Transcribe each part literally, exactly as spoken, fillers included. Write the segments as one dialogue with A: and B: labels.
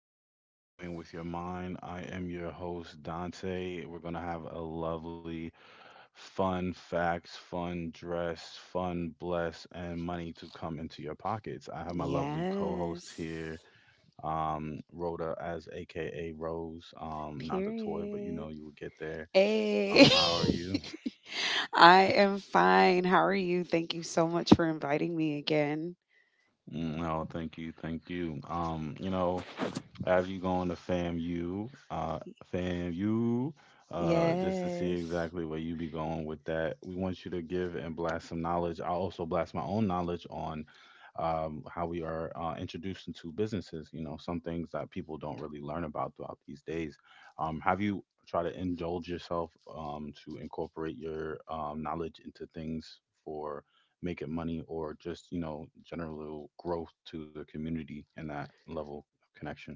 A: to be coin with your mind. I am your host, Dante. We're going to have a lovely, fun facts, fun dress, fun bless, and money to come into your pockets. I have my lovely co host
B: Yes.
A: here, um, Rhoda, as A K A Rose. Um, not the toy, but you
B: Period.
A: know, you will get there. Uh,
B: Hey.
A: how are you?
B: I am fine. How are you? Thank you so much for inviting me again.
A: Mm, no, thank you. Thank you. Um, you know, after you go on to F A M U, uh, F A M U, uh, just to see
B: Yes.
A: exactly where you be going with that. We want you to give and blast some knowledge. I'll also blast my own knowledge on um, how we are uh, introduced into businesses. You know, some things that people don't really learn about throughout these days. Um, have you try to indulge yourself um, to incorporate your um, knowledge into things for making money or just, you know, general growth to the community and that level of connection?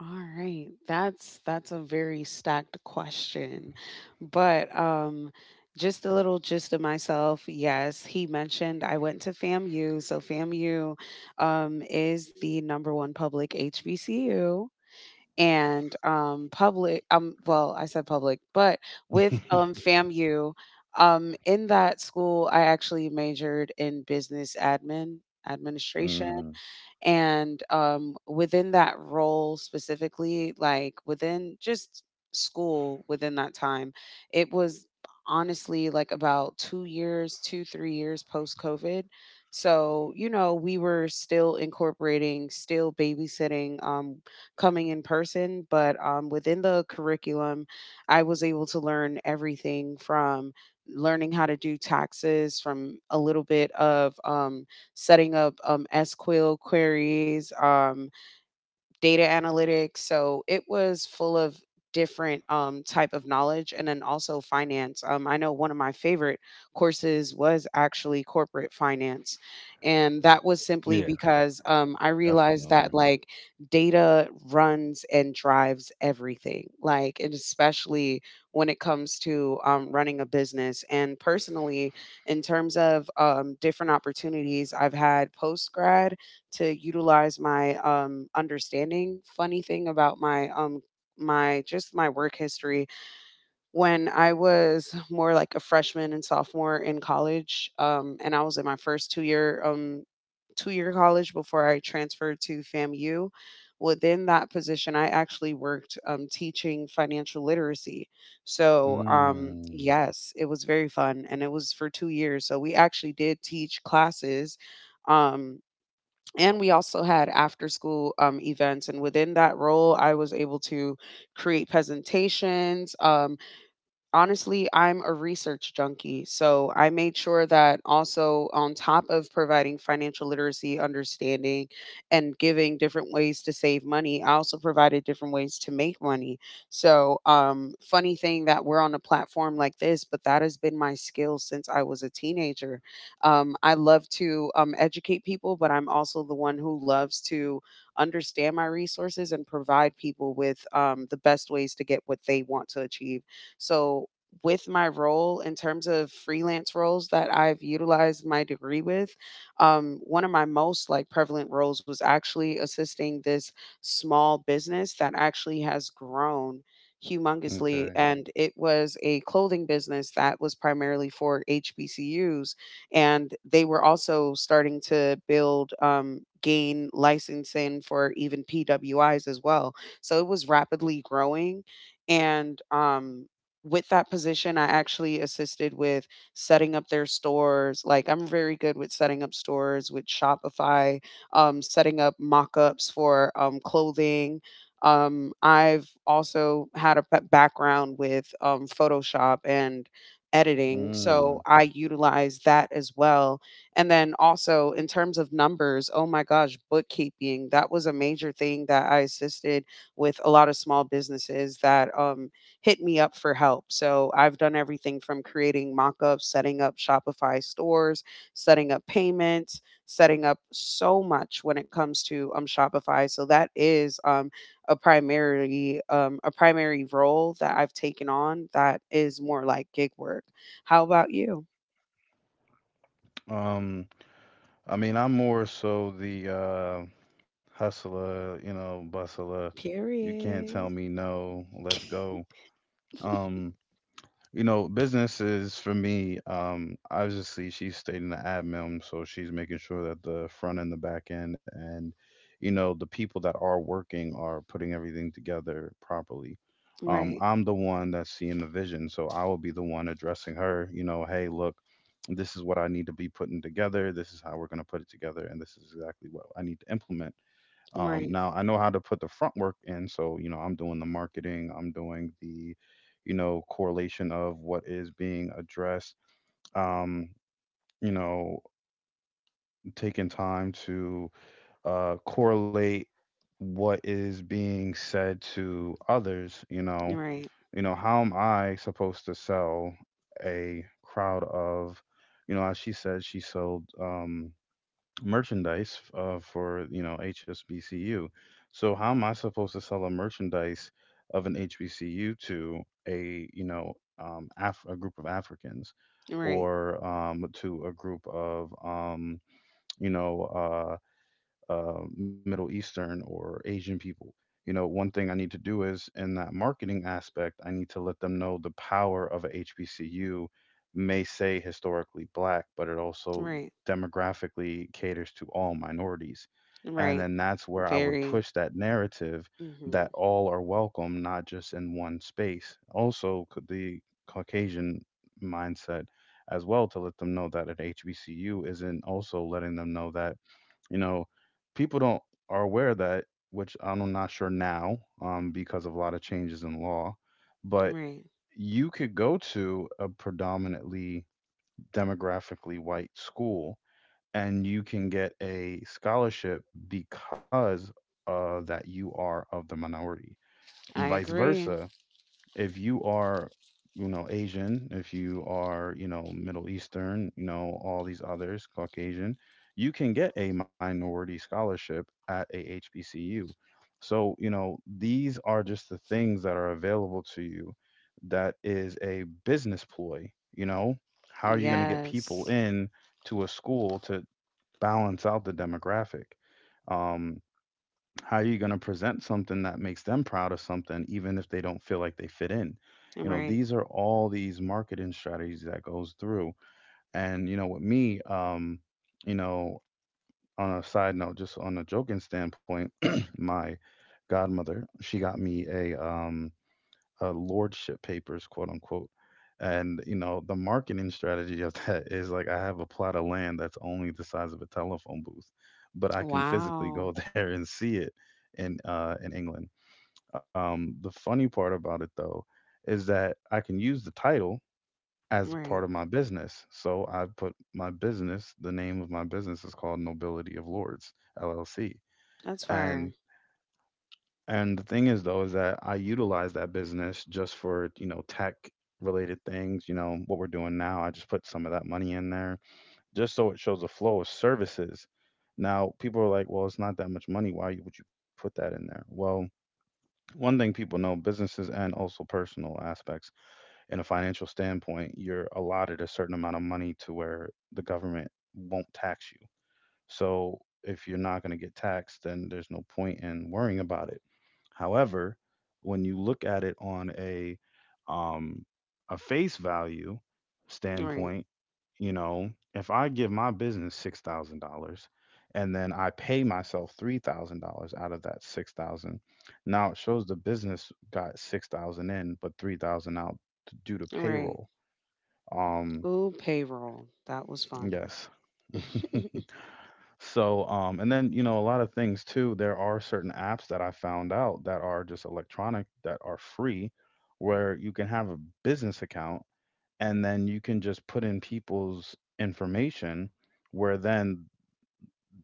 B: All right. That's that's a very stacked question. But um just a little gist of myself. Yes, he mentioned I went to FAMU. So FAMU um is the number one public H B C U. And, um, public, um, well, I said public, but with, um, FAMU, um, in that school, I actually majored in business admin, administration.
A: Mm.
B: And um, within that role specifically, like within just school, within that time, it was honestly like about two years, two, three years post COVID. So, you know, we were still incorporating, still babysitting, um, coming in person, but um, within the curriculum, I was able to learn everything from learning how to do taxes, from a little bit of um, setting up um, sequel queries, um, data analytics. So it was full of different um, type of knowledge and then also finance. Um, I know one of my favorite courses was actually corporate finance. And that was simply
A: Yeah,
B: because um, I realized
A: definitely.
B: that, like, data runs and drives everything, like, and especially when it comes to um, running a business. And personally, in terms of um, different opportunities I've had post grad to utilize my um, understanding. Funny thing about my um my just my work history, when I was more like a freshman and sophomore in college, um, and I was in my first two year um two year college before I transferred to FAMU. Within that position, I actually worked um, teaching financial literacy. So, um,
A: Mm.
B: yes, it was very fun and it was for two years. So, we actually did teach classes, um, and we also had after school um, events, and within that role I was able to create presentations. Um, honestly, I'm a research junkie. So I made sure that also, on top of providing financial literacy understanding and giving different ways to save money, I also provided different ways to make money. So, um, funny thing that we're on a platform like this, but that has been my skill since I was a teenager. Um, I love to um, educate people, but I'm also the one who loves to understand my resources and provide people with um, the best ways to get what they want to achieve. So, with my role in terms of freelance roles that I've utilized my degree with, um, one of my most like prevalent roles was actually assisting this small business that actually has grown humongously,
A: Okay.
B: and it was a clothing business that was primarily for H B C Us, and they were also starting to build, um, gain licensing for even P W Is as well. So it was rapidly growing, and um, with that position, I actually assisted with setting up their stores. Like, I'm very good with setting up stores with Shopify, um, setting up mock-ups for um, clothing. Um, I've also had a ba- background with um, Photoshop and editing,
A: Mm.
B: so I utilize that as well. And then also, in terms of numbers, oh my gosh, bookkeeping, that was a major thing that I assisted with a lot of small businesses that um, hit me up for help. So I've done everything from creating mockups, setting up Shopify stores, setting up payments, setting up so much when it comes to um, Shopify. So that is um, a primary um, a primary role that I've taken on that is more like gig work. How about you?
A: Um, I mean, I'm more so the uh hustler, you know, bustler. You can't tell
B: Period.
A: me no, let's go. Um, You know, business is for me. Um, obviously she's stayed in the admin, so she's making sure that the front end, the back end, and, you know, the people that are working are putting everything together properly. Um,
B: Right,
A: I'm the one that's seeing the vision, so I will be the one addressing her, you know, hey, look, this is what I need to be putting together, this is how we're going to put it together, and this is exactly what I need to implement. Um,
B: right,
A: now I know how to put the front work in, so you know I'm doing the marketing, I'm doing the, you know, correlation of what is being addressed. Um, you know, taking time to uh, correlate what is being said to others. You know,
B: right,
A: you know how am I supposed to sell a crowd of, you know, as she said, she sold. Um, merchandise uh, for, you know, H S B C U. So how am I supposed to sell a merchandise of an H B C U to a, you know, um, Af- a group of Africans
B: right,
A: or um, to a group of, um, you know uh, uh, Middle Eastern or Asian people. You know, one thing I need to do is in that marketing aspect, I need to let them know the power of a H B C U may say historically black, but it also
B: right,
A: demographically caters to all minorities. And
B: right.
A: then that's where I would
B: Very.
A: push that narrative
B: Hmm.
A: that all are welcome, not just in one space. Also, c- the Caucasian mindset as well, to let them know that an H B C U isn't also letting them know that, you know, people don't are aware of that, which I'm not sure now, um, because of a lot of changes in law, but
B: Right.
A: you could go to a predominantly demographically white school and you can get a scholarship because uh, that you are of the minority.
B: I
A: Vice
B: agree.
A: versa, if you are, you know, Asian, if you are, you know, Middle Eastern, you know, all these others, Caucasian, you can get a minority scholarship at a H B C U. So, you know, these are just the things that are available to you that is a business ploy, you know? How are you going to get people
B: Yes.
A: in to a school to balance out the demographic? Um, how are you gonna present something that makes them proud of something, even if they don't feel like they fit in? You know,
B: Right.
A: these are all these marketing strategies that goes through. And you know, with me, um, you know, on a side note, just on a joking standpoint, my godmother, she got me a um uh, lordship papers, quote unquote. And you know, the marketing strategy of that is like I have a plot of land that's only the size of a telephone booth, but I can physically
B: Wow.
A: go there and see it in uh, in England. Um, the funny part about it though is that I can use the title as
B: Right.
A: part of my business. So I put my business, the name of my business is called Nobility of Lords L L C.
B: That's fire.
A: And and the thing is though is that I utilize that business just for, you know, tech related things, you know, what we're doing now. I just put some of that money in there just so it shows a flow of services. Now, people are like, "Well, it's not that much money. Why would you put that in there?" Well, one thing people know, businesses and also personal aspects, in a financial standpoint, you're allotted a certain amount of money to where the government won't tax you. So if you're not going to get taxed, then there's no point in worrying about it. However, when you look at it on a um, a face value
B: Right.
A: standpoint, you know, if I give my business six thousand dollars and then I pay myself three thousand dollars out of that six thousand, now it shows the business got six thousand in, but three thousand out t- due to
B: Right.
A: payroll. Um,
B: Ooh, payroll. That was fun.
A: yes. So, um, and then, you know, a lot of things too, there are certain apps that I found out that are just electronic that are free where you can have a business account and then you can just put in people's information where then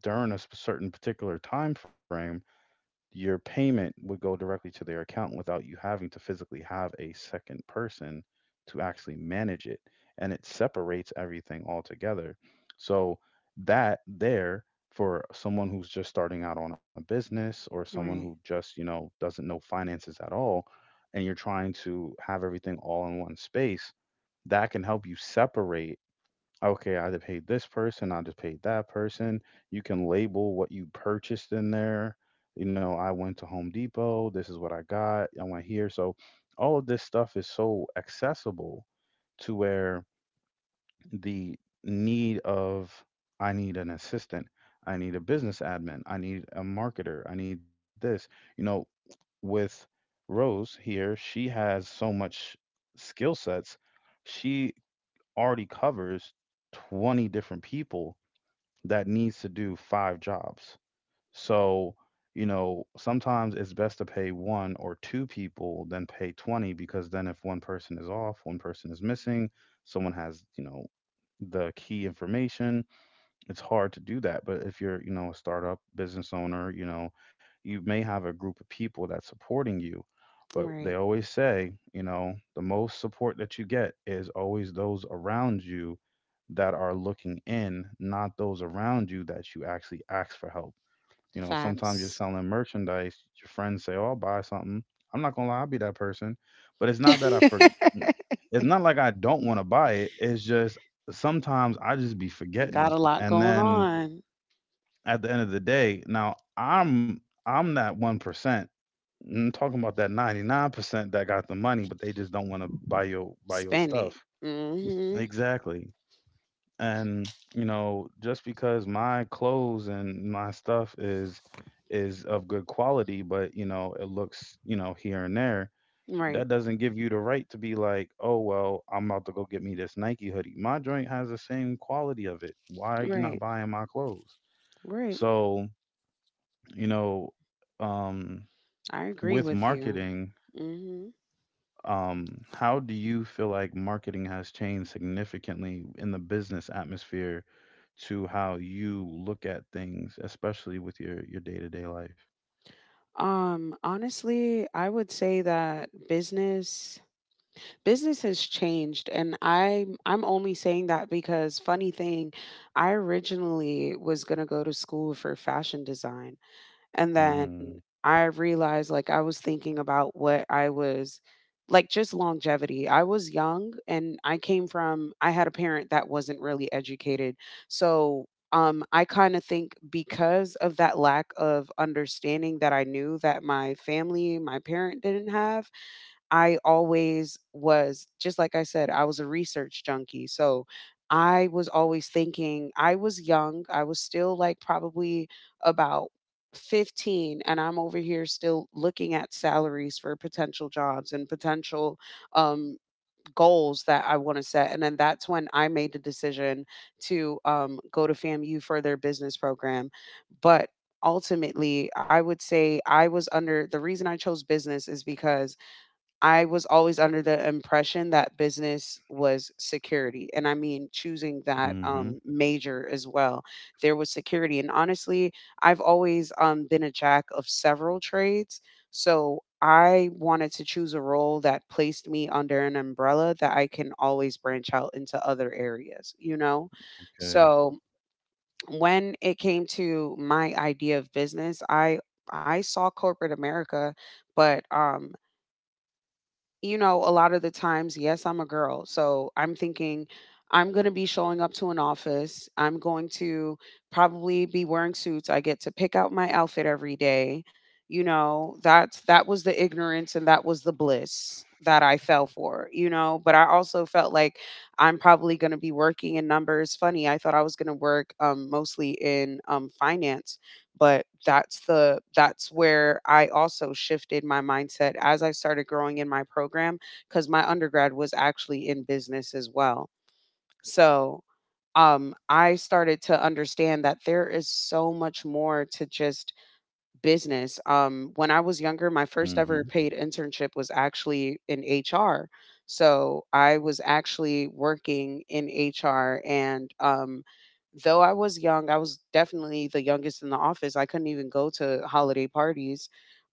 A: during a sp- certain particular time frame your payment would go directly to their account without you having to physically have a second person to actually manage it. And it separates everything altogether. So, that there for someone who's just starting out on a business or someone who
B: Right.
A: just, you know, doesn't know finances at all, and you're trying to have everything all in one space, that can help you separate okay, I just paid this person, I just paid that person. You can label what you purchased in there. You know, I went to Home Depot, this is what I got, I went here. So all of this stuff is so accessible to where the need of I need an assistant, I need a business admin, I need a marketer, I need this. You know, with Rose here, she has so much skill sets. She already covers twenty different people that needs to do five jobs. So, you know, sometimes it's best to pay one or two people than pay twenty because then if one person is off, one person is missing, someone has, you know, the key information, it's hard to do that. But if you're, you know, a startup business owner, you know, you may have a group of people that's supporting you. But they
B: Right.
A: always say, you know, the most support that you get is always those around you that are looking in, not those around you that you actually ask for help. You know, sometimes you're
B: Facts.
A: selling merchandise, your friends say, oh, I'll buy something. I'm not gonna lie, I'll be that person. But it's not that I for it's not like I don't wanna buy it. It's just sometimes I just be forgetting.
B: Got a lot
A: And
B: going
A: then
B: on.
A: at the end of the day, now I'm I'm that one percent. I'm talking about that ninety nine percent that got the money, but they just don't want to buy your buy your
B: Spend it.
A: stuff.
B: Hmm.
A: Exactly. And you know, just because my clothes and my stuff is is of good quality, but you know, it looks you know here and there.
B: Right.
A: That doesn't give you the right to be like, oh well, I'm about to go get me this Nike hoodie. My joint has the same quality of it. Why are you not
B: Right.
A: buying my clothes?
B: Right.
A: So you know, um,
B: I agree
A: with
B: with you.
A: marketing,
B: Hmm.
A: um, how do you feel like marketing has changed significantly in the business atmosphere to how you look at things, especially with your your day-to-day life?
B: Um, honestly, I would say that business business has changed, and i'm i'm only saying that because, funny thing, I originally was going to go to school for fashion design, and then
A: Mm,
B: I realized, like, I was thinking about what I was, like, just longevity. I was young, and I came from I had a parent that wasn't really educated. So um I kind of think, because of that lack of understanding that I knew that my family my parent didn't have. I always was, just like I said, I was a research junkie. So I was always thinking, I was young. I was still like probably about fifteen, and I'm over here still looking at salaries for potential jobs and potential um, goals that I want to set. And then that's when I made the decision to um, go to FAMU for their business program. But ultimately, I would say, I was under the reason I chose business is because I was always under the impression that business was security. And I mean, choosing that
A: mm-hmm.
B: um, major as well, there was security. And honestly, I've always um, been a jack of several trades. So I wanted to choose a role that placed me under an umbrella that I can always branch out into other areas, you know?
A: Okay.
B: So, when it came to my idea of business, I I saw corporate America, but um you know, a lot of the times, yes, I'm a girl. So I'm thinking I'm going to be showing up to an office. I'm going to probably be wearing suits. I get to pick out my outfit every day. You know, that's that was the ignorance, and that was the bliss that I fell for, you know, but I also felt like I'm probably going to be working in numbers. Funny, I thought I was going to work um, mostly in um, finance, but that's the that's where I also shifted my mindset as I started growing in my program, because my undergrad was actually in business as well. So, um, I started to understand that there is so much more to just business. Um, when I was younger, my first
A: Mm-hmm.
B: ever paid internship was actually in H R. So I was actually working in H R. And um, though I was young, I was definitely the youngest in the office. I couldn't even go to holiday parties.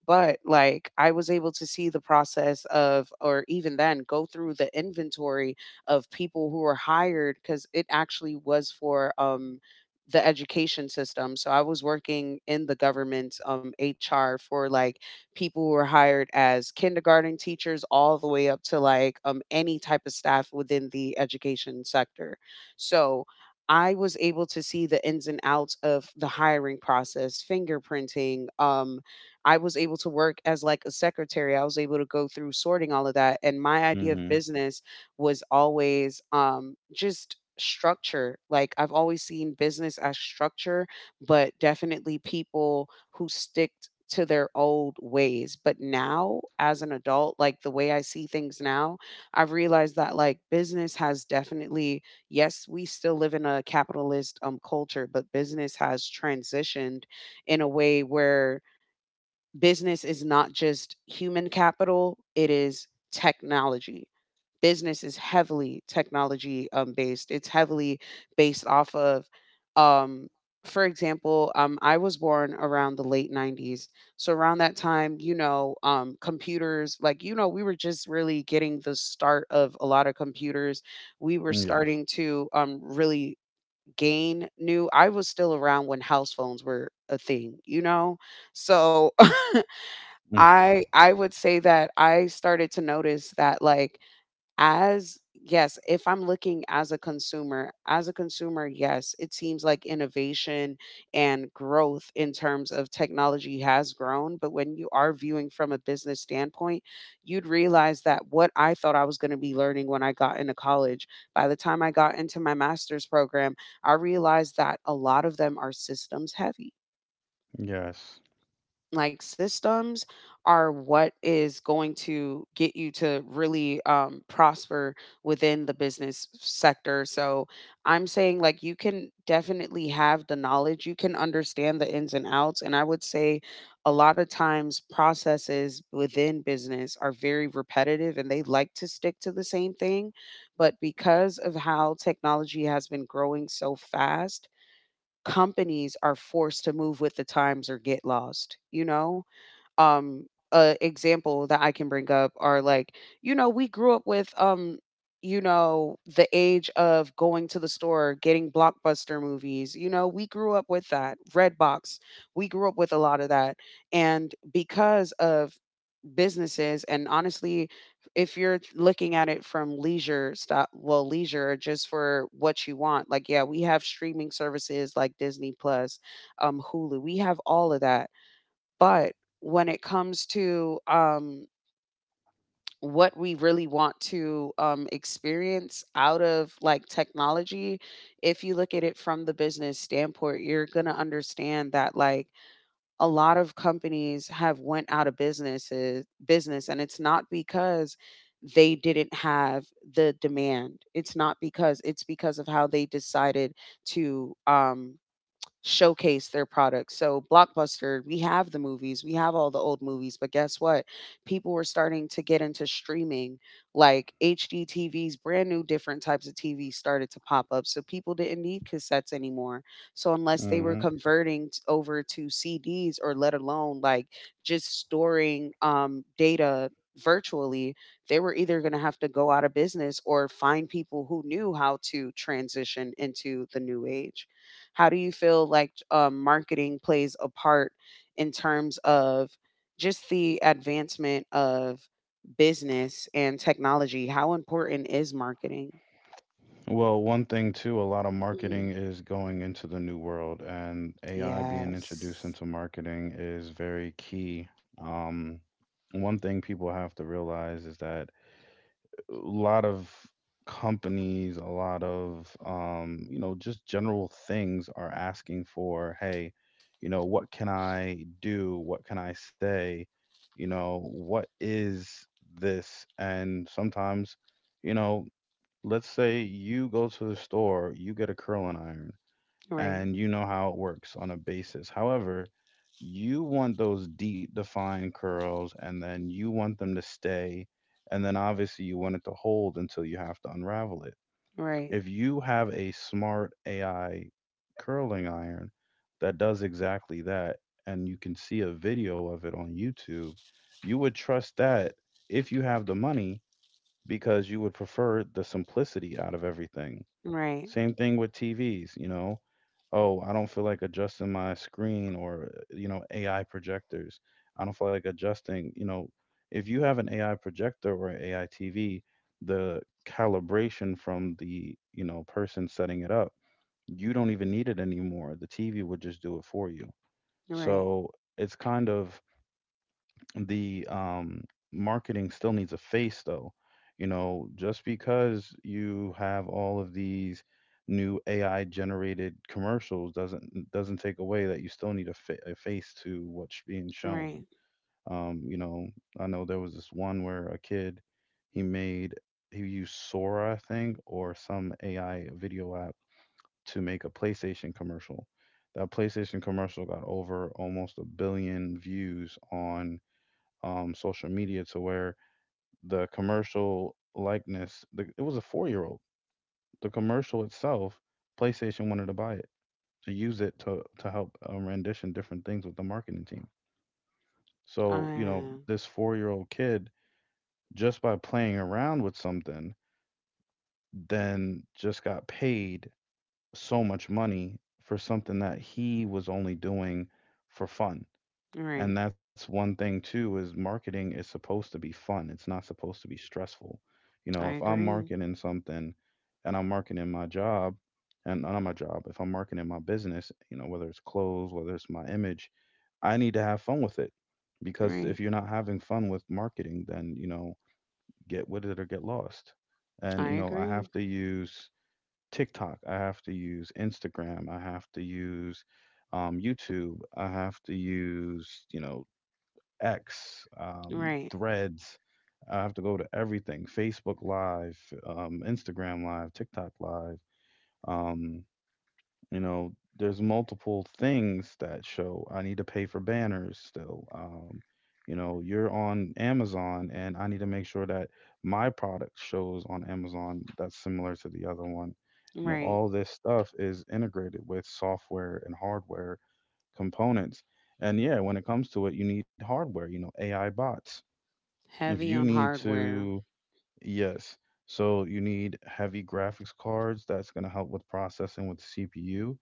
B: But, like, I was able to see the process of, or even then go through the inventory of people who were hired, because it actually was for um, the education system. So I was working in the government's, um, H R for, like, people who were hired as kindergarten teachers all the way up to, like, um, any type of staff within the education sector. So I was able to see the ins and outs of the hiring process, fingerprinting. Um, I was able to work as, like, a secretary. I was able to go through sorting all of that. And my idea of
A: Mm-hmm.
B: business was always um, just structure. Like, I've always seen business as structure, but definitely people who stick to their old ways. But now, as an adult, like the way I see things now, I've realized that, like, business has definitely, yes, we still live in a capitalist um culture, but business has transitioned in a way where business is not just human capital, it is technology. Business is heavily technology um, based. It's heavily based off of, um, for example, um, I was born around the late nineties. So around that time, you know, um, computers, like, you know, we were just really getting the start of a lot of computers. We were
A: Yes.
B: starting to um, really gain new. I was still around when house phones were a thing, you know? So
A: Mm,
B: I I would say that I started to notice that, like, as, yes, if I'm looking as a consumer, as a consumer, yes, it seems like innovation and growth in terms of technology has grown. But when you are viewing from a business standpoint, you'd realize that what I thought I was going to be learning when I got into college, by the time I got into my master's program, I realized that a lot of them are systems heavy,
A: yes.
B: like, systems are what is going to get you to really um, prosper within the business sector. So I'm saying, like, you can definitely have the knowledge, you can understand the ins and outs. And I would say a lot of times processes within business are very repetitive and they like to stick to the same thing. But because of how technology has been growing so fast, companies are forced to move with the times or get lost, you know? um a example that I can bring up are, like, you know, we grew up with, um, you know, the age of going to the store, getting blockbuster movies. You know, we grew up with that. Redbox. We grew up with a lot of that. And because of businesses and honestly, if you're looking at it from leisure stuff, well, leisure just for what you want, like, yeah, we have streaming services like Disney Plus, um Hulu, we have all of that. But when it comes to um, what we really want to um, experience out of like technology, if you look at it from the business standpoint, you're gonna understand that, like, a lot of companies have went out of businesses business, and it's not because they didn't have the demand. It's not because it's because of how they decided to um, showcase their products. So Blockbuster, we have the movies, we have all the old movies, but guess what? People were starting to get into streaming, like H D T Vs, brand new different types of T Vs started to pop up. So people didn't need cassettes anymore. So unless they were
A: Mm-hmm.
B: converting t- over to C Ds, or let alone like just storing um data virtually, they were either going to have to go out of business or find people who knew how to transition into the new age. How do you feel like um, marketing plays a part in terms of just the advancement of business and technology? How important is marketing?
A: Well, one thing too, a lot of
B: hmm
A: marketing is going into the new world, and A I being introduced
B: Yes.
A: into marketing is very key. Um, One thing people have to realize is that a lot of companies, a lot of um, you know, just general things are asking for, hey, you know, what can I do? What can I say? You know, what is this? And sometimes you know let's say you go to the store, you get a curling iron,
B: Right.
A: and you know how it works on a basis. However, you want those deep defined curls, and then you want them to stay, and then obviously you want it to hold until you have to unravel it.
B: Right.
A: If you have a smart A I curling iron that does exactly that, and you can see a video of it on YouTube, you would trust that if you have the money because you would prefer the simplicity out of everything.
B: Right.
A: Same thing with T Vs, you know. Oh, I don't feel like adjusting my screen or, uh, you know, A I projectors. I don't feel like adjusting, you know, if you have an A I projector or an A I T V, the calibration from the, you know, person setting it up, you don't even need it anymore. The T V would just do it for you.
B: Right.
A: So it's kind of the um, marketing still needs a face though. You know just because you have all of these new ai generated commercials doesn't doesn't take away that you still need a, fa- a face to what's being shown.
B: Right.
A: um, you know I know there was this one where a kid he made he used sora I think or some ai video app to make a playstation commercial. That playstation commercial got over almost a billion views on um, social media to where the commercial likeness, the, it was a four year old. The commercial itself, PlayStation wanted to buy it to use it to, to help um, rendition different things with the marketing team. So, you know,
B: Uh,
A: this four year old kid, just by playing around with something, then just got paid so much money for something that he was only doing for fun.
B: right.
A: And that's one thing too is marketing is supposed to be fun. It's not supposed to be stressful. You know, if
B: I
A: I'm
B: agree.
A: marketing something and I'm marketing my job and not my job, if I'm marketing my business, you know, whether it's clothes, whether it's my image, I need to have fun with it. Because if
B: Right.
A: you're not having fun with marketing, then, you know, get with it or get lost. And, you
B: I
A: know, I have
B: agree.
A: to use TikTok, I have to use Instagram, I have to use um, YouTube, I have to use, you know, X, um,
B: Right.
A: Threads. I have to go to everything: Facebook Live, um, Instagram Live, TikTok Live. Um, you know, there's multiple things that show. I need to pay for banners still. Um, you know, you're on Amazon, and I need to make sure that my product shows on Amazon that's similar to the other one. You know,
B: Right.
A: all this stuff is integrated with software and hardware components. And yeah, when it comes to it, you need hardware, you know, A I bots. If
B: Heavy
A: you
B: on
A: need
B: hardware.
A: to, yes. So you need heavy graphics cards. That's going to help with processing with C P U.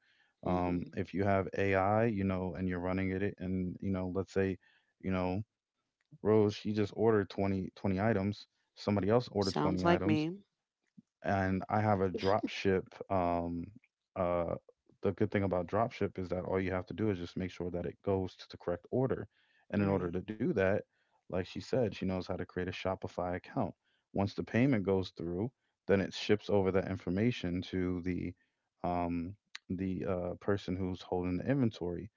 A: Um,
B: hmm
A: if you have A I, you know, and you're running it, and you know, let's say, you know, Rose, she just ordered twenty twenty items. Somebody else ordered
B: Sounds
A: twenty
B: like
A: items
B: me.
A: and I have a drop ship. Um, uh, the good thing about drop ship is that all you have to do is just make sure that it goes to the correct order. And in order
B: Right.
A: to do that, like she said, she knows how to create a Shopify account. Once the payment goes through, then it ships over that information to the um, the uh, person who's holding the inventory.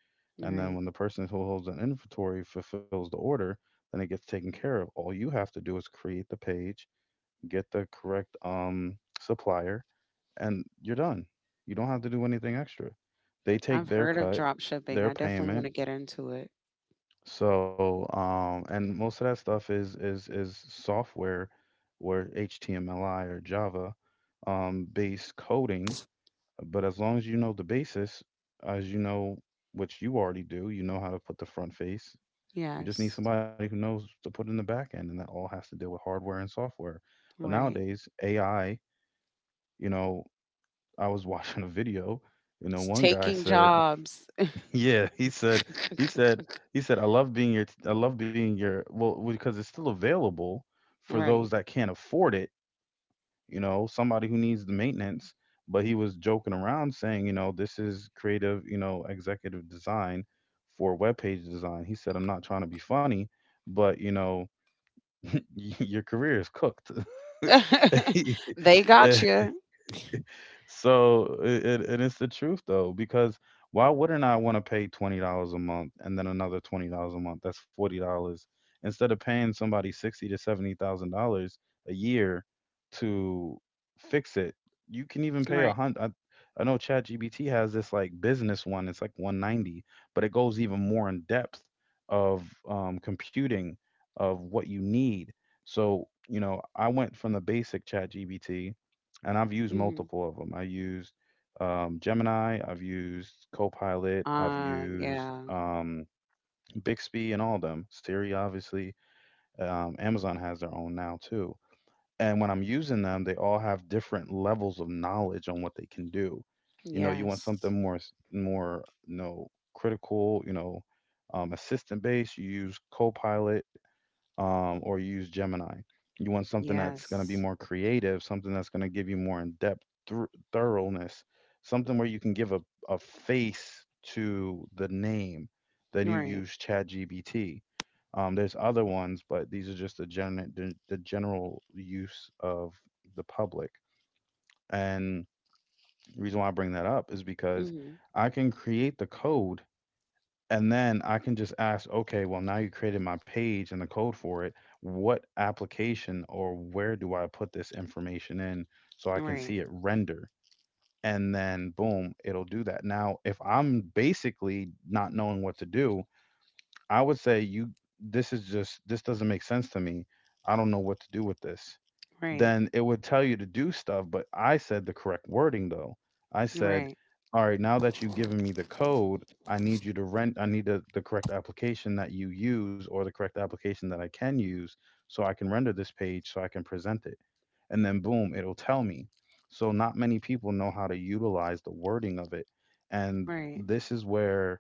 A: And then
B: Right.
A: when the person who holds an inventory fulfills the order, then it gets taken care of. All you have to do is create the page, get the correct um, supplier, and you're done. You don't have to do anything extra. They
B: I've
A: take their
B: heard of
A: cut,
B: drop shipping.
A: their
B: I definitely want
A: payment.
B: to get into it.
A: So, um, and most of that stuff is is is software, where H T M L I or Java um, based coding. But as long as you know the basis, as you know, which you already do, you know how to put the front face. You just need
B: Yes.
A: somebody who knows to put in the back end, and that all has to deal with hardware and software. But
B: Right.
A: nowadays, A I, you know, I was watching a video, you know,
B: It's
A: one guy
B: taking
A: said,
B: jobs.
A: yeah, he said, he said, he said, I love being your, I love being your, well, well, because it's still available for those
B: Right.
A: that can't afford it, you know, somebody who needs the maintenance. But he was joking around saying, you know, this is creative, you know, executive design for web page design. He said, I'm not trying to be funny, but, you know, your career is cooked.
B: They got you.
A: So it, it, it is the truth though, because why wouldn't I want to pay twenty dollars a month and then another twenty dollars a month, that's forty dollars, instead of paying somebody sixty to seventy thousand dollars a year to fix it? You can even
B: Right.
A: pay a hundred. I, I know ChatGPT has this like business one, it's like one ninety, but it goes even more in depth of um, computing, of what you need. So you know I went from the basic ChatGPT, and I've
B: Mhm.
A: used multiple of them. I used um, Gemini, I've used Copilot, I've
B: Uh,
A: used
B: yeah.
A: um, Bixby, and all of them. Siri, obviously. Um, Amazon has their own now too. And when I'm using them, they all have different levels of knowledge on what they can do. You know, you want
B: Yes.
A: something more more you know critical, you know, um, assistant based. You use Copilot um, or use Gemini. You want something that's going to be
B: Yes.
A: more creative, something that's going to give you more in depth thr thoroughness, something where you can give a, a face to the name. Then you
B: Right.
A: use ChatGPT. Um, there's other ones, but these are just the, gen- the, the general use of the public. And the reason why I bring that up is because
B: Mhm.
A: I can create the code, and then I can just ask, okay, well, now you created my page and the code for it. What application or where do I put this information in so I can
B: Right.
A: see it render? And then boom, it'll do that. Now, if I'm basically not knowing what to do, I would say, you, this is just, this doesn't make sense to me. I don't know what to do with this.
B: Right.
A: Then it would tell you to do stuff. But I said the correct wording though. I said,
B: Right.
A: all right, now that you've given me the code, I need you to rent, I need the the correct application that you use, or the correct application that I can use, so I can render this page so I can present it. And then boom, it'll tell me. So not many people know how to utilize the wording of it. And
B: Right.
A: this is where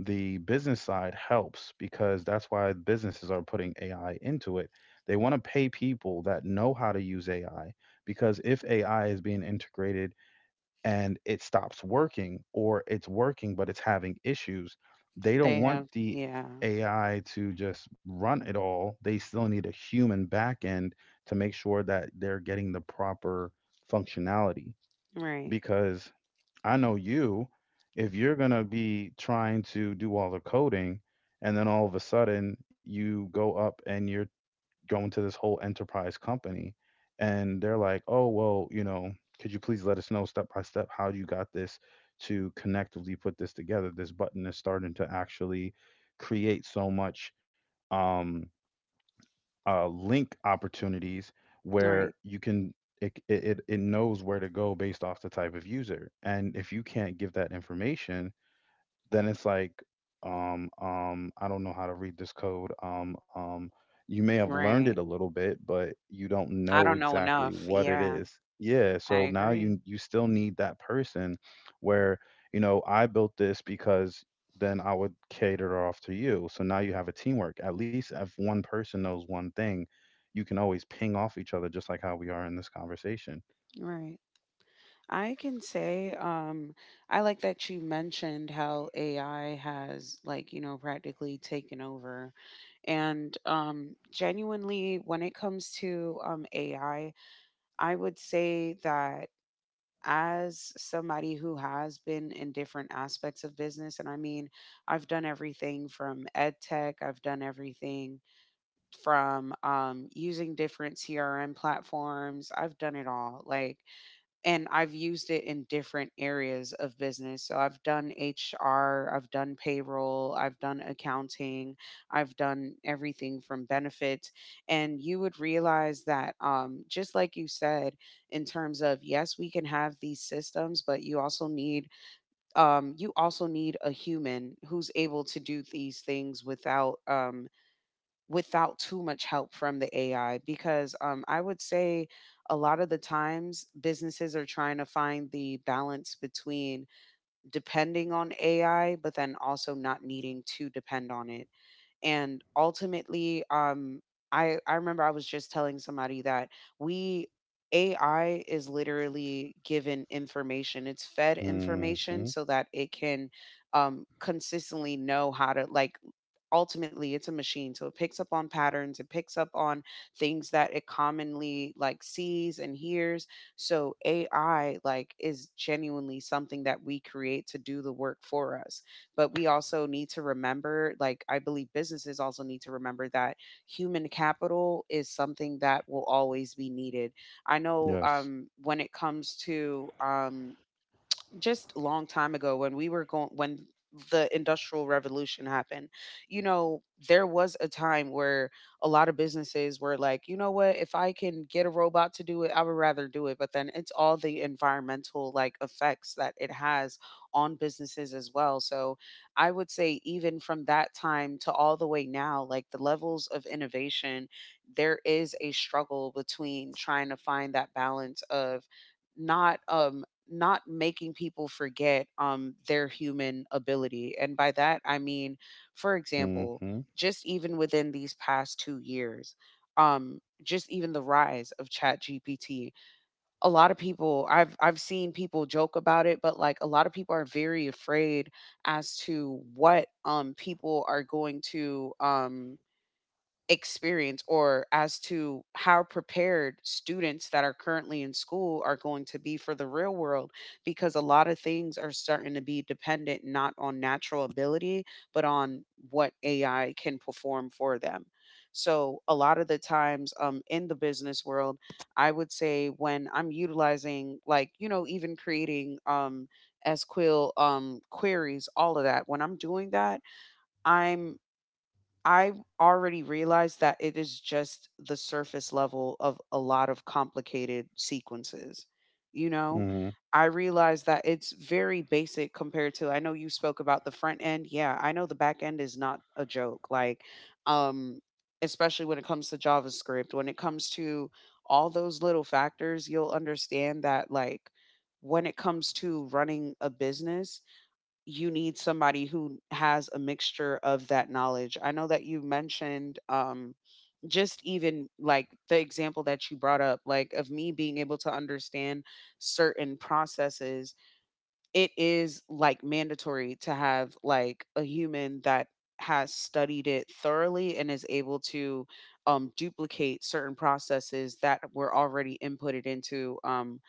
A: the business side helps, because that's why businesses are putting A I into it. They want to pay people that know how to use A I, because if A I is being integrated and it stops working, or it's working but it's having issues, they
B: They
A: don't want
B: have,
A: the
B: yeah.
A: A I to just run it all. They still need a human back end to make sure that they're getting the proper functionality,
B: Right.
A: because I know you, if you're going to be trying to do all the coding and then all of a sudden you go up and you're going to this whole enterprise company and they're like, oh, well, you know, could you please let us know step by step how you got this to connectively put this together? This button is starting to actually create so much. Um, uh, Link opportunities where
B: Right.
A: you can it, it it it knows where to go based off the type of user, and if you can't give that information, then it's like, um um I don't know how to read this code. Um um you may have learned it
B: Right.
A: a little bit, but you don't
B: I
A: know
B: don't know
A: exactly
B: enough.
A: what it
B: Yeah.
A: is. Yeah,
B: I
A: so now
B: agree.
A: you you still need that person where, you know I built this, because then I would cater off to you. So now you have a teamwork, at least if one person knows one thing, you can always ping off each other, just like how we are in this conversation.
B: Right. I can say, um, I like that you mentioned how A I has, like, you know, practically taken over. And um, genuinely, when it comes to um, A I, I I would say that as somebody who has been in different aspects of business, and I mean, I've done everything from ed tech, I've done everything from um, using different C R M platforms, I've done it all. Like, and I've used it in different areas of business. So I've done H R, I've done payroll, I've done accounting, I've done everything from benefits. And you would realize that, um, just like you said, in terms of, yes, we can have these systems, but you also need um, you also need a human who's able to do these things without um, without too much help from the A I, because um, I would say a lot of the times businesses are trying to find the balance between depending on A I, but then also not needing to depend on it. And ultimately, um, I, I remember I was just telling somebody that we A I is literally given information. It's fed information
A: Mhm.
B: so that it can um, consistently know how to, like, ultimately it's a machine, so it picks up on patterns, it picks up on things that it commonly like sees and hears. So AI, like, is genuinely something that we create to do the work for us, but we also need to remember, like, I believe businesses also need to remember that human capital is something that will always be needed. I know
A: Yes.
B: um when it comes to um just long time ago when we were going when the industrial revolution happened, you know, there was a time where a lot of businesses were like, you know what, if I can get a robot to do it, I would rather do it, but then it's all the environmental, like, effects that it has on businesses as well. So I would say even from that time to all the way now, like, the levels of innovation, there is a struggle between trying to find that balance of not um not making people forget um their human ability. And by that I mean, for example,
A: Mhm.
B: just even within these past two years, um just even the rise of chat G P T a lot of people, I've I've seen people joke about it, but like a lot of people are very afraid as to what um people are going to um experience, or as to how prepared students that are currently in school are going to be for the real world, because a lot of things are starting to be dependent not on natural ability, but on what A I can perform for them. So a lot of the times um in the business world, I would say when I'm utilizing like, you know, even creating um S Q L um queries, all of that, when I'm doing that, I'm I already realized that it is just the surface level of a lot of complicated sequences. You know,
A: Mhm.
B: I realized that it's very basic compared to, I know you spoke about the front end. Yeah, I know the back end is not a joke. Like, um especially when it comes to JavaScript, when it comes to all those little factors, you'll understand that, like, when it comes to running a business, you need somebody who has a mixture of that knowledge. I know that you mentioned um just even like the example that you brought up, like of me being able to understand certain processes, it is like mandatory to have like a human that has studied it thoroughly and is able to um, duplicate certain processes that were already inputted into um,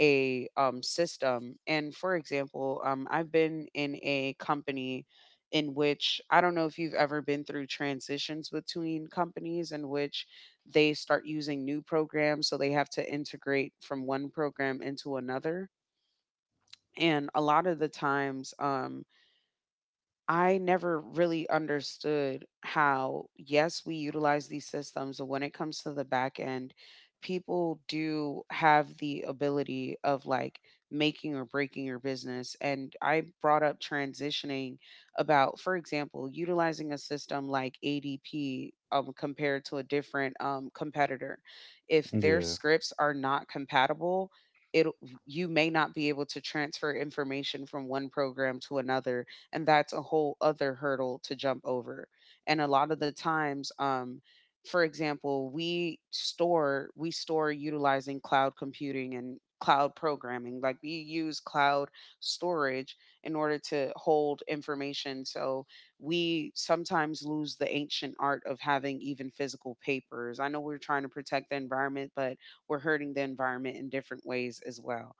B: a um, system. And for example, um, I've been in a company in which, I don't know if you've ever been through transitions between companies in which they start using new programs, so they have to integrate from one program into another. And a lot of the times, um, I never really understood how, yes, we utilize these systems, but when it comes to the back end, people do have the ability of, like, making or breaking your business. And I brought up transitioning about, for example, utilizing a system like A D P, um, compared to a different um, competitor. If their
A: Yeah.
B: scripts are not compatible, it you may not be able to transfer information from one program to another, and that's a whole other hurdle to jump over. And a lot of the times, um for example, we store we store utilizing cloud computing and cloud programming. Like we use cloud storage in order to hold information, so we sometimes lose the ancient art of having even physical papers. I know we're trying to protect the environment, but we're hurting the environment in different ways as well.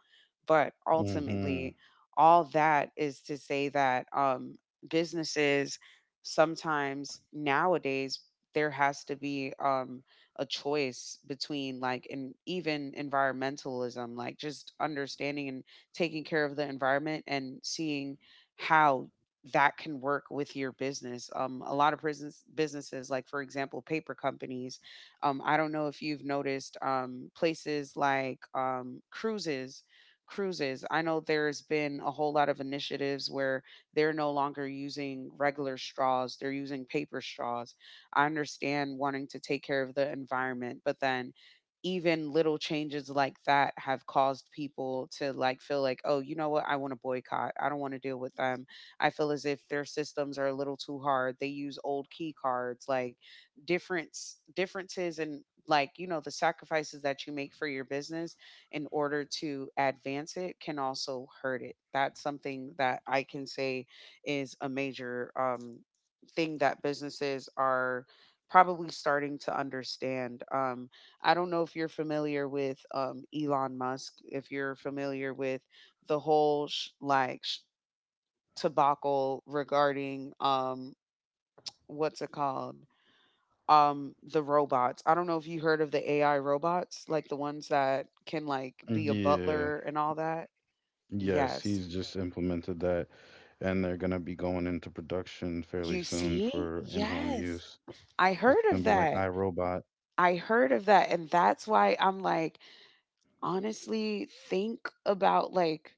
B: But
A: Mm-hmm.
B: ultimately, all that is to say that, um, businesses sometimes nowadays, there has to be, um, a choice between, like, and even environmentalism, like, just understanding and taking care of the environment and seeing how that can work with your business. Um, a lot of business businesses, like, for example, paper companies, um, I don't know if you've noticed um, places like um, cruises cruises. I know there's been a whole lot of initiatives where they're no longer using regular straws, they're using paper straws. I understand wanting to take care of the environment, but then even little changes like that have caused people to, like, feel like, oh, you know what, I want to boycott, I don't want to deal with them, I feel as if their systems are a little too hard, they use old key cards, like, difference differences. And, like, you know, the sacrifices that you make for your business in order to advance it can also hurt it. That's something that I can say is a major um, thing that businesses are probably starting to understand. Um, I don't know if you're familiar with um, Elon Musk, if you're familiar with the whole sh- like sh- debacle regarding um, what's it called? Um the robots. I don't know if you heard of the A I robots, like the ones that can like be a
A: Yeah.
B: butler and all that.
A: Yes,
B: Yes.
A: he's just implemented that, and they're gonna be going into production fairly
B: You
A: soon
B: see?
A: for in-home
B: Yes.
A: use.
B: I
A: It's
B: heard
A: gonna
B: of
A: be like
B: that.
A: iRobot.
B: I heard of that. And that's why I'm like, honestly, think about, like,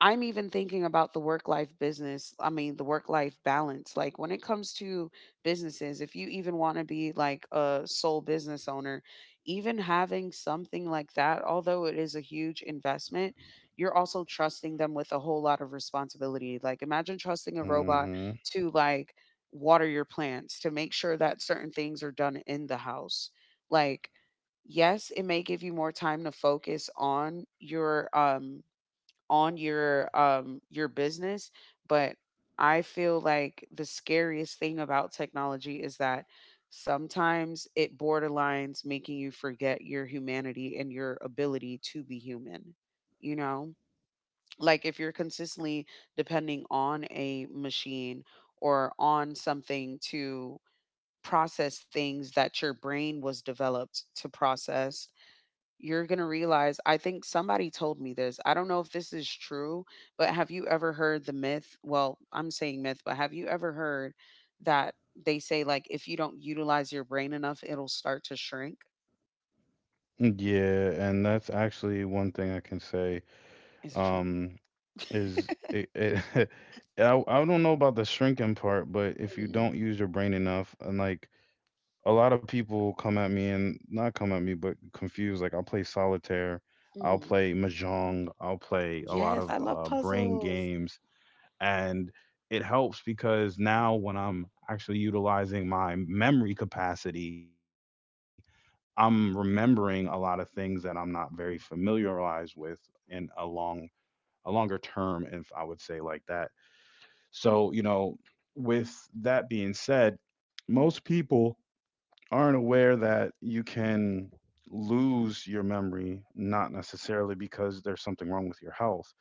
B: I'm even thinking about the work life business. I mean, the work life balance. Like when it comes to businesses, if you even want to be like a sole business owner, even having something like that, although it is a huge investment, you're also trusting them with a whole lot of responsibility. Like imagine trusting a robot
A: Mm-hmm.
B: to, like, water your plants, to make sure that certain things are done in the house. Like, yes, it may give you more time to focus on your um on your um your business, but I feel like the scariest thing about technology is that sometimes it borderlines making you forget your humanity and your ability to be human, you know? Like if you're consistently depending on a machine or on something to process things that your brain was developed to process, you're gonna realize, I think somebody told me this, I don't know if this is true, but have you ever heard the myth? Well, I'm saying myth, but have you ever heard that they say, like, if you don't utilize your brain enough, it'll start to shrink?
A: Yeah, and that's actually one thing I can say.
B: Is it true?
A: Um, is it, it I I don't know about the shrinking part, but if you
B: Mhm,
A: don't use your brain enough, and like, a lot of people come at me, and not come at me, but confused. Like I'll play solitaire, I'll
B: mhm.
A: play mahjong, I'll play a lot
B: Yes, I
A: of
B: love
A: uh, brain
B: puzzles.
A: games, and it helps because now when I'm actually utilizing my memory capacity, I'm remembering a lot of things that I'm not very familiarized with in a long a longer term, if I would say like that. So you know, with that being said, most people aren't aware that you can lose your memory, not necessarily because there's something wrong with your health,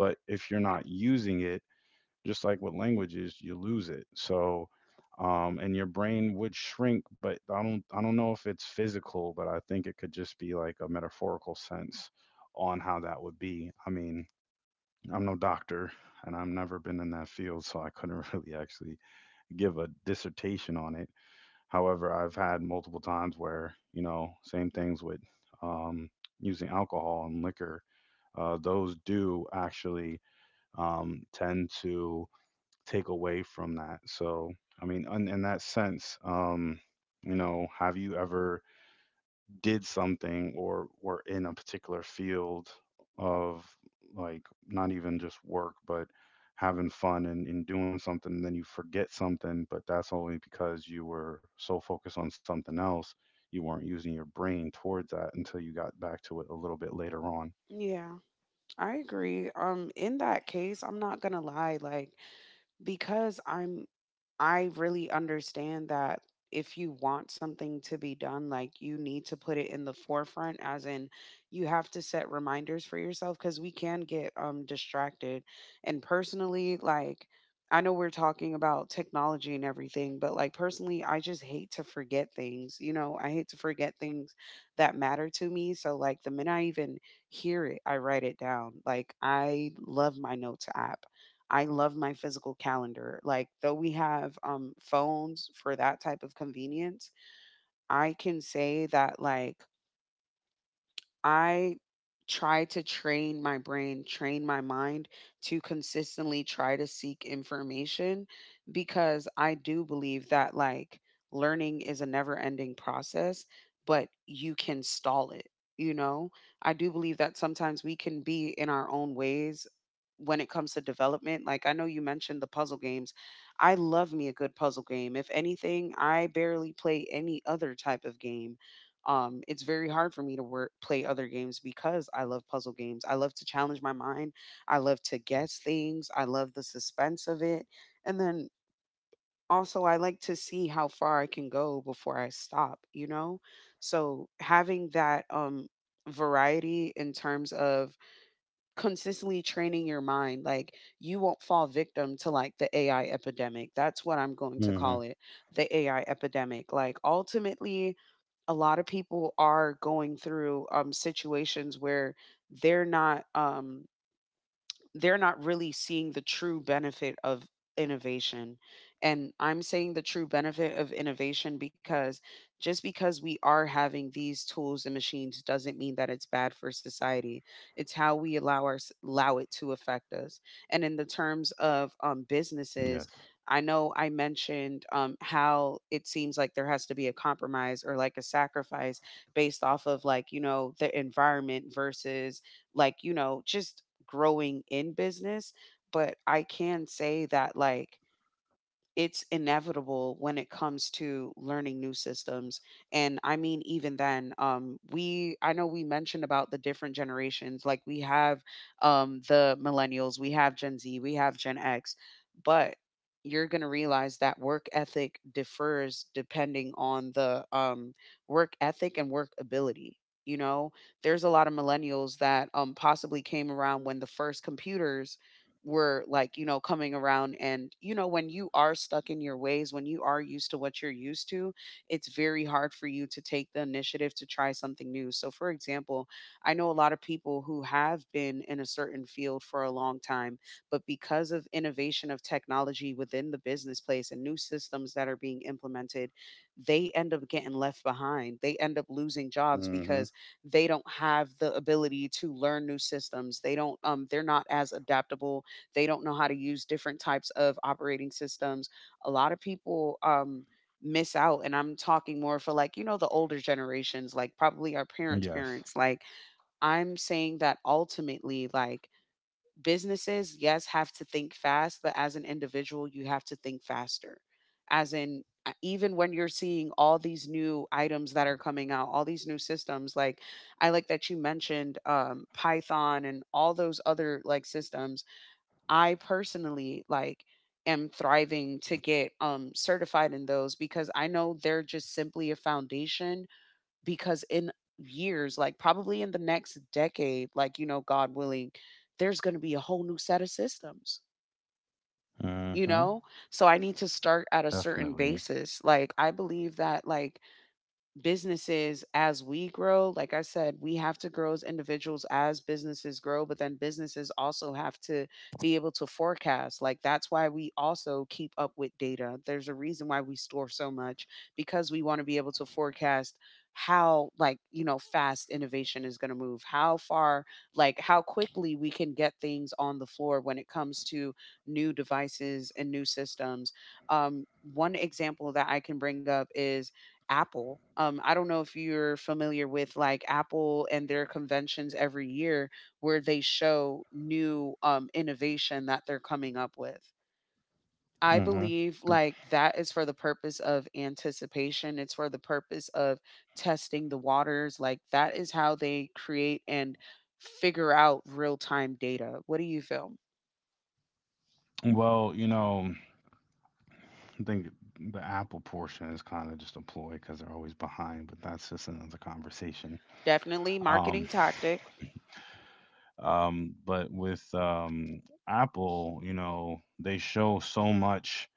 A: but if you're not using it, just like with languages, you lose it. So, um, and your brain would shrink, but I don't, I don't know if it's physical, but I think it could just be like a metaphorical sense on how that would be. I mean, I'm no doctor and I've never been in that field, so I couldn't really actually give a dissertation on it. However, I've had multiple times where, you know, same things with um, using alcohol and liquor. Uh, those do actually um, tend to take away from that. So, I mean, in, in that sense, um, you know, have you ever did something or were in a particular field of like not even just work but having fun and, and doing something, and then you forget something but that's only because you were so focused on something else you weren't using your brain towards that until you got back to it a little bit later on.
B: Yeah, I agree. Um, in that case, I'm not gonna lie, like because I'm I really understand that if you want something to be done, like you need to put it in the forefront, as in you have to set reminders for yourself because we can get um distracted. And personally, like I know we're talking about technology and everything, but like personally, I just hate to forget things. You know, I hate to forget things that matter to me. So like the minute I even hear it, I write it down. Like I love my notes app. I love my physical calendar. Like, though we have um, phones for that type of convenience, I can say that, like, I try to train my brain, train my mind to consistently try to seek information because I do believe that like learning is a never ending process, but you can stall it. You know, I do believe that sometimes we can be in our own ways when it comes to development. Like, I know you mentioned the puzzle games. I love me a good puzzle game. If anything, I barely play any other type of game, um, it's very hard for me to work play other games because I love puzzle games. I love to challenge my mind. I love to guess things. I love the suspense of it. And then also I like to see how far I can go before I stop, you know? So having that um variety in terms of consistently training your mind, like you won't fall victim to like the A I epidemic. That's what I'm going to
A: Hmm.
B: call it, the A I epidemic. Like ultimately a lot of people are going through um situations where they're not um they're not really seeing the true benefit of innovation. And I'm saying the true benefit of innovation because just because we are having these tools and machines doesn't mean that it's bad for society. It's how we allow our, allow it to affect us. And in the
A: Yes.
B: terms of um, businesses, I know I mentioned um, how it seems like there has to be a compromise or like a sacrifice based off of, like, you know, the environment versus like, you know, just growing in business, but I can say that like it's inevitable when it comes to learning new systems. And I mean even then um we I know we mentioned about the different generations. Like we have um the millennials, we have gen z, we have gen x, but you're going to realize that work ethic differs depending on the um work ethic and work ability. You know, there's a lot of millennials that um possibly came around when the first computers were, like, you know, coming around. And, you know, when you are stuck in your ways, when you are used to what you're used to, it's very hard for you to take the initiative to try something new. So, for example, I know a lot of people who have been in a certain field for a long time, but because of innovation of technology within the business place and new systems that are being implemented, they end up getting left behind. They end up losing jobs
A: Hmm.
B: because they don't have the ability to learn new systems. They don't um they're not as adaptable, they don't know how to use different types of operating systems. A lot of people, um, miss out, and I'm talking more for, like, you know, the older generations, like probably our parents'
A: Yes.
B: parents. Like, I'm saying that ultimately, like, businesses, yes, have to think fast, but as an individual, you have to think faster. As in, uh, even when you're seeing all these new items that are coming out, all these new systems, like I like that you mentioned, um, Python and all those other like systems. I personally like am thriving to get um certified in those because I know they're just simply a foundation, because in years, like probably in the next decade, like, you know, God willing, there's going to be a whole new set of systems, you
A: Hmm.
B: know. So I need to start at a certain
A: Definitely.
B: basis. Like I believe that like businesses, as we grow, like I said, we have to grow as individuals as businesses grow, but then businesses also have to be able to forecast. Like that's why we also keep up with data. There's a reason why we store so much, because we want to be able to forecast how, like, you know, fast innovation is going to move, how far, like how quickly we can get things on the floor when it comes to new devices and new systems. um, One example that I can bring up is Apple. Um, I don't know if you're familiar with like Apple and their conventions every year where they show new, um, innovation that they're coming up with. I
A: Hmm.
B: believe like that is for the purpose of anticipation. It's for the purpose of testing the waters. Like that is how they create and figure out real time data. What do you feel?
A: Well, you know, I think the Apple portion is kind of just a ploy because they're always behind, but that's just another conversation.
B: Definitely
A: Um,
B: marketing tactic.
A: um, but with um, Apple, you know, they show so much.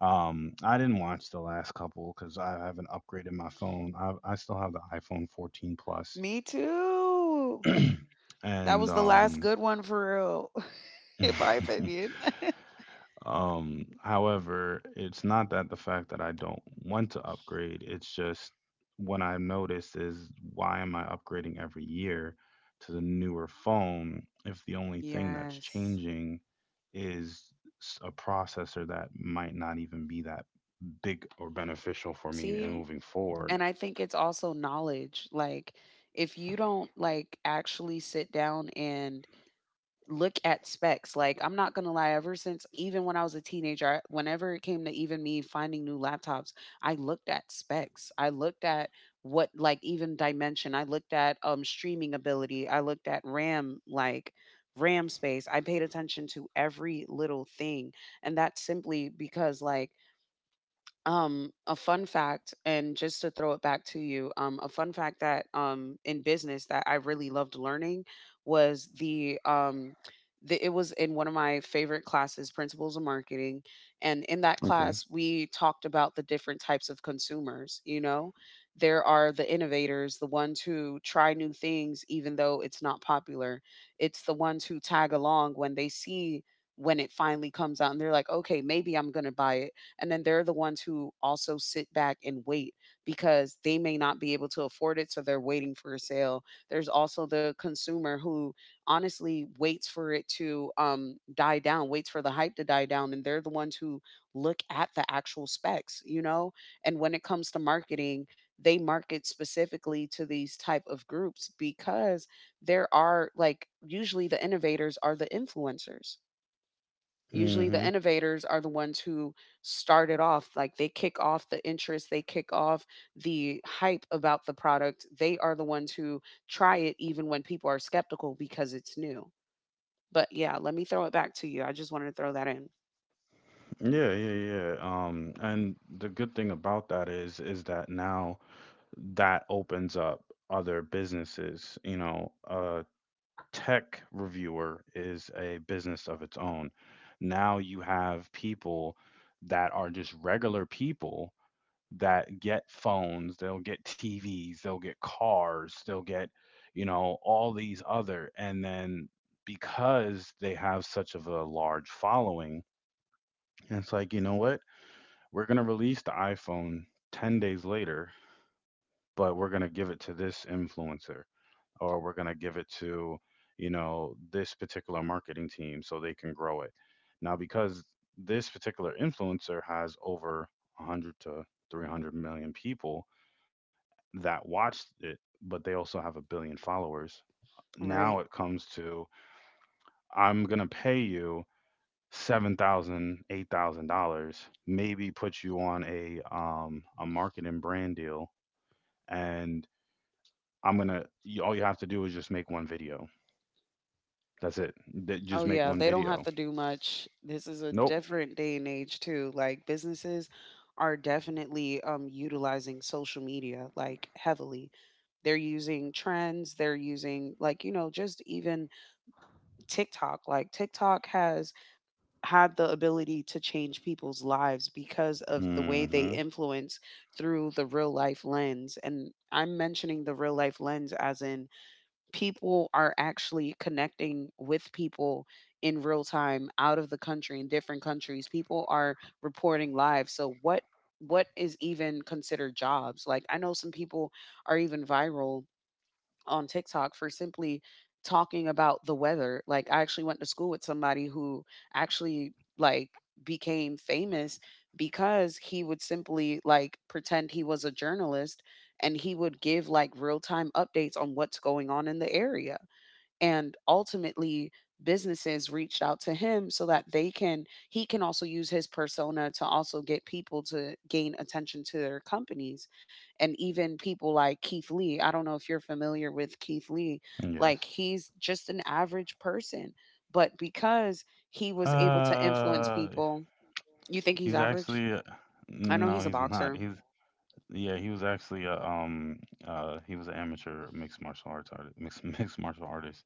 A: Um, I didn't watch the last couple because I haven't upgraded my phone. I, I still have the iPhone fourteen Plus,
B: Me too. That
A: and
B: was the last
A: um,
B: good one for real, in my opinion.
A: Um, however, it's not that the fact that I don't want to upgrade, it's just what I've noticed is, why am I upgrading every year to the newer phone if the only thing that's
B: Yes.
A: changing is s- a processor that might not even be that big or beneficial for me in
B: See,
A: moving forward.
B: and I think it's also knowledge. Like, if you don't like actually sit down and look at specs, like I'm not gonna lie, ever since even when I was a teenager, I, whenever it came to even me finding new laptops, I looked at specs. I looked at what, like, even dimension. I looked at um streaming ability. I looked at RAM, like RAM space. I paid attention to every little thing, and that's simply because like. Um, a fun fact, and just to throw it back to you, um, a fun fact that, um, in business that I really loved learning was the um, the, it was in one of my favorite classes, Principles of Marketing, and in that
A: Okay.
B: class we talked about the different types of consumers. You know, there are the innovators, the ones who try new things even though it's not popular. It's the ones who tag along when they see when it finally comes out, and they're like, okay, maybe I'm gonna buy it, and then they're the ones who also sit back and wait because they may not be able to afford it. So they're waiting for a sale. There's also the consumer who honestly waits for it to, um, die down, waits for the hype to die down. And they're the ones who look at the actual specs, you know? And when it comes to marketing, they market specifically to these type of groups because there are, like, usually the innovators are the influencers. Usually
A: Mhm.
B: the innovators are the ones who start it off. Like they kick off the interest, they kick off the hype about the product. They are the ones who try it even when people are skeptical because it's new. But yeah, let me throw it back to you. I just wanted to throw that in.
A: Yeah, yeah, yeah. Um, and the good thing about that is is that now that opens up other businesses. You know, a tech reviewer is a business of its own. Now you have people that are just regular people that get phones, they'll get T Vs, they'll get cars, they'll get, you know, all these other. And then because they have such of a large following, it's like, you know what? We're going to release the iPhone ten days later, but we're going to give it to this influencer, or we're going to give it to you know this particular marketing team so they can grow it. Now because this particular influencer has over one hundred to three hundred million people that watched it, but they also have a billion followers.
B: Right.
A: Now it comes to, I'm going to pay you seven thousand dollars eight thousand dollars, maybe put you on a um a marketing brand deal, and I'm gonna you, all you have to do is just make one video. That's it. Th- Just
B: Oh
A: make
B: yeah,
A: one
B: they don't have
A: video.
B: to do much. This is a
A: Nope.
B: different day and age too. Like businesses are definitely um utilizing social media like heavily. They're using trends, they're using like, you know, just even TikTok. Like TikTok has had the ability to change people's lives because of the way they
A: Hmm.
B: influence through the real life lens. And I'm mentioning the real life lens as in people are actually connecting with people in real time, out of the country, in different countries. People are reporting live. So what what is even considered jobs? Like I know some people are even viral on TikTok for simply talking about the weather. Like I actually went to school with somebody who actually like became famous because he would simply like pretend he was a journalist, and he would give like real-time updates on what's going on in the area, and ultimately businesses reached out to him so that they can he can also use his persona to also get people to gain attention to their companies. And even people like Keith Lee, I don't know if you're familiar with Keith Lee, like
A: Yes.
B: he's just an average person, but because he was able to influence
A: Uh,
B: people. You think he's
A: he's
B: average?
A: actually a-
B: I know
A: no,
B: he's a
A: he's not.
B: boxer.
A: He's Yeah, he was actually a um uh he was an amateur mixed martial arts artist, mixed mixed martial artist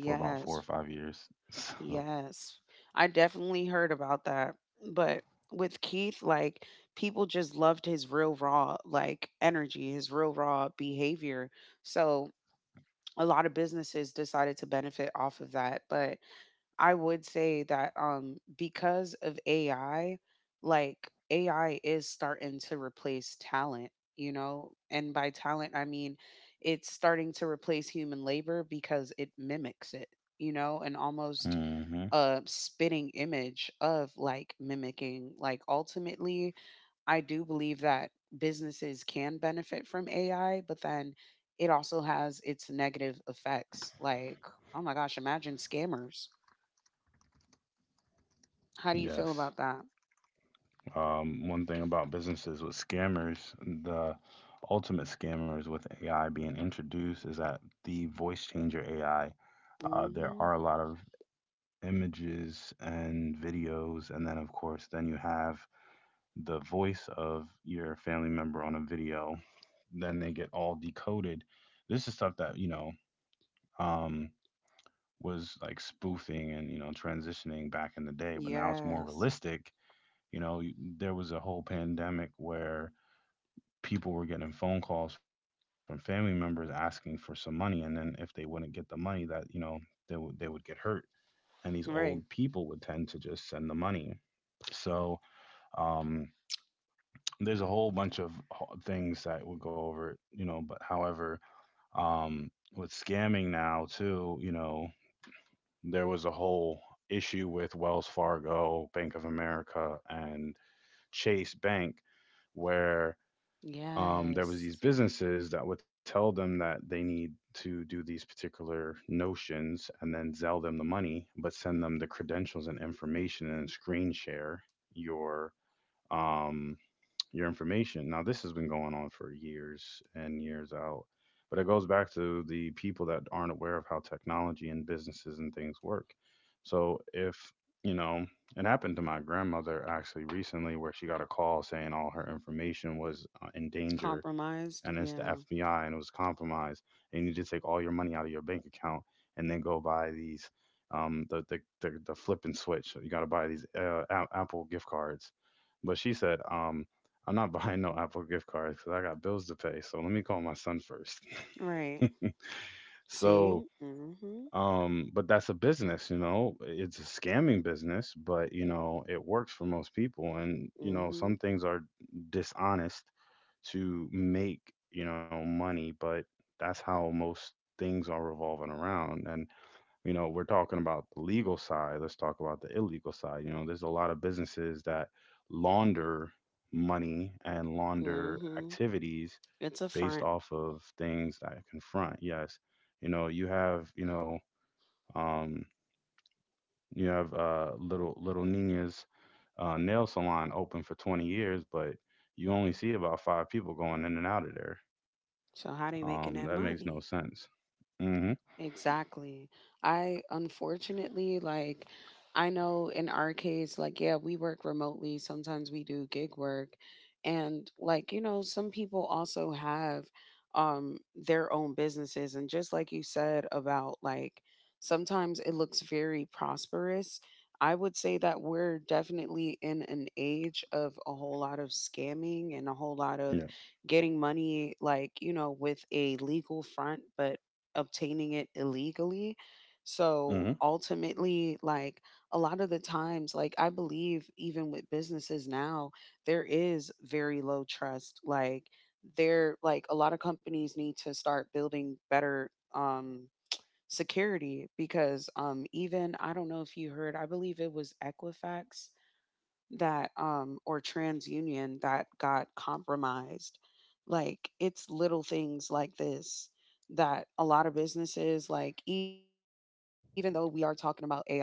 A: for about four or five years. So,
B: Yes. I definitely heard about that. But with Keith, like people just loved his real raw like energy, his real raw behavior. So a lot of businesses decided to benefit off of that. But I would say that um because of A I, like A I is starting to replace talent, you know? And by talent I mean it's starting to replace human labor because it mimics it, you know, and almost
A: hmm.
B: a spitting image of like mimicking. Like ultimately I do believe that businesses can benefit from A I, but then it also has its negative effects. Like, oh my gosh, imagine scammers. How do you feel
A: Yes.
B: about that?
A: Um, one thing about businesses with scammers, the ultimate scammers with A I being introduced is that the voice changer A I. Uh, there
B: Hmm.
A: are a lot of images and videos, and then of course then you have the voice of your family member on a video, then they get all decoded. This is stuff that you know um was like spoofing and you know transitioning back in the day, but now it's more
B: Yes.
A: realistic. You know y- there was a whole pandemic where people were getting phone calls from family members asking for some money, and then if they wouldn't get the money, that you know they would they would get hurt, and these old
B: Right.
A: people would tend to just send the money. So um, there's a whole bunch of ho- things that we'll go over, you know. But however, um, with scamming now too, you know, there was a whole issue with Wells Fargo, Bank of America, and Chase Bank, where um, there was
B: Yes.
A: these businesses that would tell them that they need to do these particular notions and then sell them the money, but send them the credentials and information and screen share your um, your information. Now, this has been going on for years and years out, but it goes back to the people that aren't aware of how technology and businesses and things work. So, if you know, it happened to my grandmother actually recently, where she got a call saying all her information was uh, in danger, and
B: Compromised.
A: it's the
B: Yeah.
A: F B I and it was compromised. And you need to take all your money out of your bank account and then go buy these. Um, the, the the the flip and switch. So, you got to buy these uh, a- Apple gift cards, but she said, um, I'm not buying no Apple gift cards because I got bills to pay. So let me call my son first.
B: Right. See?
A: so,
B: Mm-hmm.
A: um, but that's a business, you know, it's a scamming business, but you know, it works for most people. And, you know,
B: Mm-hmm.
A: some things are dishonest to make, you know, money, but that's how most things are revolving around. And you know, we're talking about the legal side. Let's talk about the illegal side. You know, there's a lot of businesses that launder money and launder
B: Mm-hmm.
A: activities
B: It's a front.
A: based off of things that confront. Yes, you know, you have, you know, um, you have uh, little little Nina's uh, nail salon open for twenty years, but you only see about five people going in and out of there.
B: So how do you
A: Um, that
B: making
A: makes
B: that
A: no
B: money?
A: sense. Mm-hmm.
B: Exactly. I unfortunately like I know in our case like yeah, we work remotely, sometimes we do gig work and like you know some people also have um their own businesses and just like you said about like sometimes it looks very prosperous. I would say that we're definitely in an age of a whole lot of scamming and a whole lot of
A: Yeah.
B: getting money like, you know, with a legal front, but obtaining it illegally.
A: Mm-hmm.
B: So ultimately, like a lot of the times, like I believe even with businesses now, there is very low trust. Like there, like a lot of companies need to start building better um security because um even I don't know if you heard, I believe it was Equifax that um or trans union that got compromised. Like, it's little things like this that a lot of businesses, like, even though we are talking about ai, like,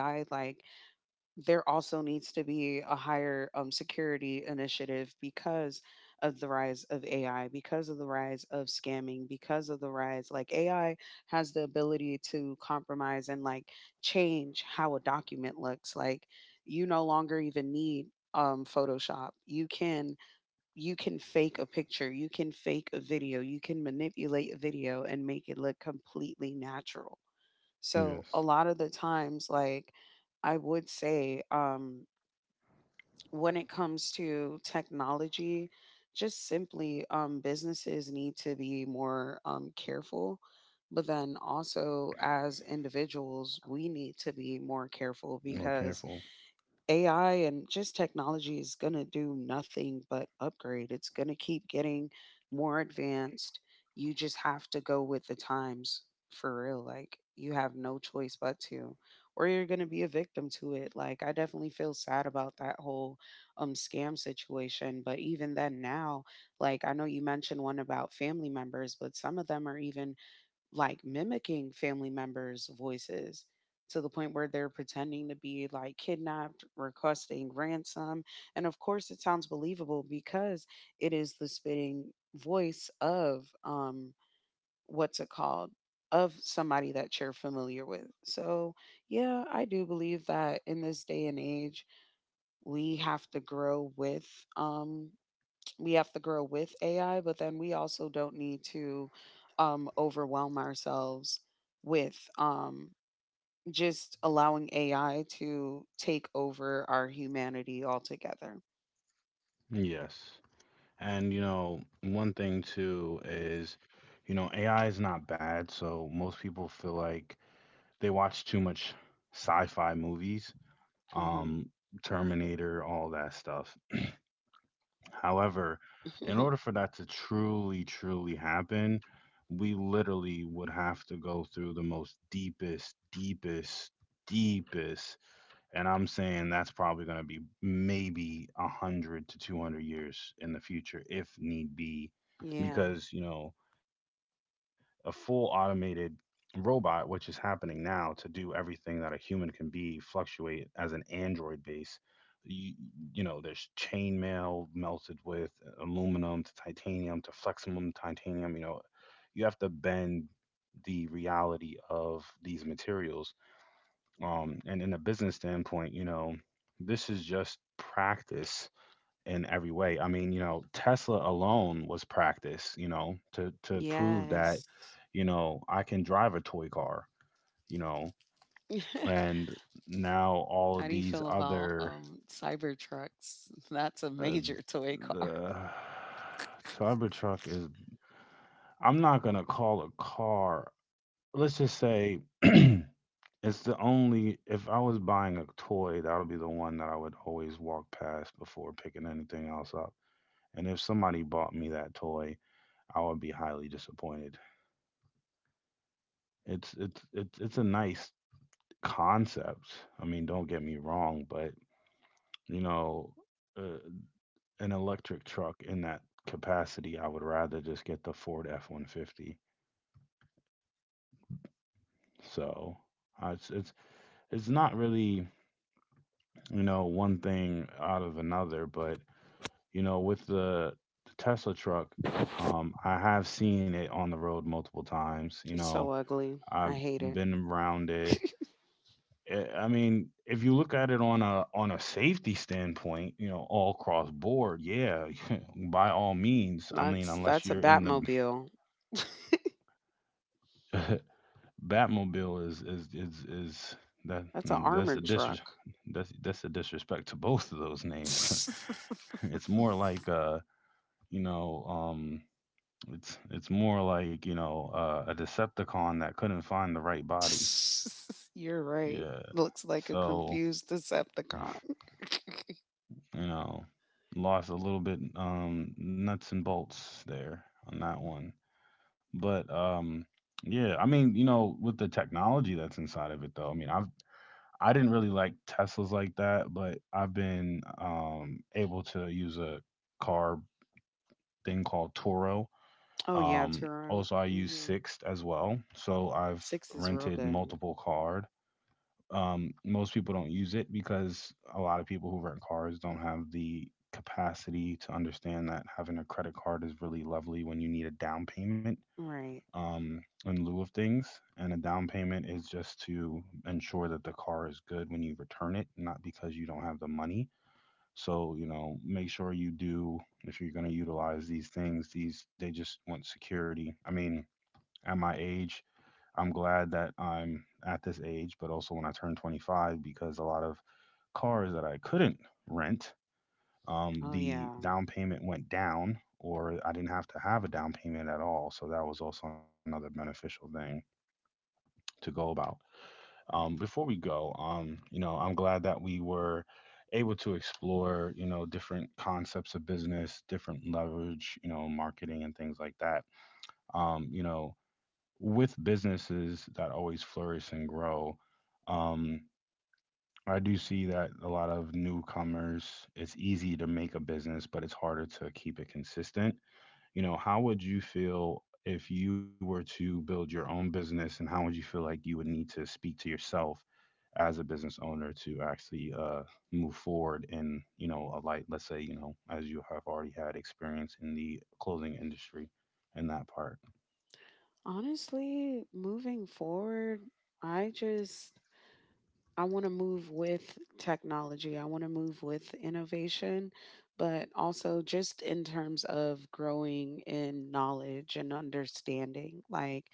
B: there also needs to be a higher um, security initiative because of the rise of A I, because of the rise of scamming, because of the rise, like A I has the ability to compromise and, like, change how a document looks. Like, you no longer even need um photoshop. You can you can fake a picture, you can fake a video, you can manipulate a video and make it look completely natural. So a
A: Yes.
B: lot of the times, like I would say, um, when it comes to technology, just simply um, businesses need to be more um, careful. But then also, as individuals, we need to be more careful
A: More
B: because
A: careful.
B: A I and just technology is going to do nothing but upgrade. It's going to keep getting more advanced. You just have to go with the times for real. Like, you have no choice but to, or you're going to be a victim to it. Like, I definitely feel sad about that whole um, scam situation. But even then, now, like, I know you mentioned one about family members, but some of them are even like mimicking family members' voices to the point where they're pretending to be like kidnapped, requesting ransom. And of course, it sounds believable because it is the spitting voice of um what's it called? Of somebody that you're familiar with. So, yeah, I do believe that in this day and age, we have to grow with um we have to grow with A I, but then we also don't need to um, overwhelm ourselves with um, just allowing A I to take over our humanity altogether.
A: Yes. And you know, one thing too is, you know, A I is not bad. So most people feel like they watch too much sci-fi movies,
B: Hmm.
A: um, Terminator, all that stuff. However, in order for that to truly, truly happen, we literally would have to go through the most deepest, deepest, deepest, and I'm saying that's probably going to be maybe a hundred to two hundred years in the future, if need be,
B: Yeah.
A: because you know a full automated robot, which is happening now, to do everything that a human can be, fluctuate as an android base. You, you know, there's chain mail melted with aluminum to titanium to flexible titanium. You know, you have to bend the reality of these materials um, and in a business standpoint, you know, this is just practice in every way. I mean, you know, Tesla alone was practice, you know, to to prove that,
B: Yes.
A: you know, I can drive a toy car, you know, and now all of
B: How do you
A: these
B: feel about
A: other.
B: um, cyber trucks? That's a
A: uh,
B: major toy car.
A: the Cybertruck is, I'm not gonna call a car. Let's just say it's the only, if I was buying a toy, that'll be the one that I would always walk past before picking anything else up. And if somebody bought me that toy, I would be highly disappointed. It's it's it's it's a nice concept. I mean, don't get me wrong, but you know, uh, an electric truck in that capacity, I would rather just get the Ford F one fifty. So, uh, it's it's it's not really, you know, one thing out of another. But You know, with the, the Tesla truck, um, I have seen it on the road multiple times. You
B: It's
A: know,
B: so ugly.
A: I've
B: I hate it.
A: been around it. Eh, I mean, if you look at it on a on a safety standpoint, you know, all cross board, yeah, by all means. I mean,
B: That's
A: unless
B: that's a
A: you're in
B: Batmobile.
A: the Batmobile, is is is is that,
B: That's an
A: mm, that's a
B: armored
A: disres
B: truck.
A: that's that's a disrespect to both of those names. it's more like uh, you know, um It's it's more like you know uh, a Decepticon that couldn't find the right body.
B: You're right.
A: Yeah.
B: Looks like a
A: So
B: confused Decepticon.
A: you know, lost a little bit um nuts and bolts there on that one. But um yeah, I mean you know with the technology that's inside of it though. I mean I've I didn't really like Teslas like that, but I've been um able to use a car thing called Toro.
B: Oh yeah,
A: Um, also,
B: Turo.
A: I use
B: Hmm.
A: Sixt as well. So I've
B: Six is
A: rented
B: real good.
A: multiple cars. Um, most people don't use it because a lot of people who rent cars don't have the capacity to understand that having a credit card is really lovely when you need a down payment
B: Right.
A: um, in lieu of things. And a down payment is just to ensure that the car is good when you return it, not because you don't have the money. So, you know, make sure you do, if you're going to utilize these things, these, they just want security. I mean, at my age, I'm glad that I'm at this age, but also when I turned twenty-five, because a lot of cars that I couldn't rent, um,
B: Oh
A: the
B: yeah.
A: down payment went down, or I didn't have to have a down payment at all. So that was also another beneficial thing to go about. Um, before we go, um, you know, I'm glad that we were able to explore, you know, different concepts of business, different leverage, you know, marketing and things like that. Um, you know, with businesses that always flourish and grow, um, I do see that a lot of newcomers, it's easy to make a business, but it's harder to keep it consistent. You know, how would you feel if you were to build your own business, and how would you feel like you would need to speak to yourself as a business owner to actually uh, move forward in, you know, a light, let's say, you know, as you have already had experience in the clothing industry and that part?
B: Honestly, moving forward, I just I want to move with technology. I want to move with innovation, but also just in terms of growing in knowledge and understanding. Like,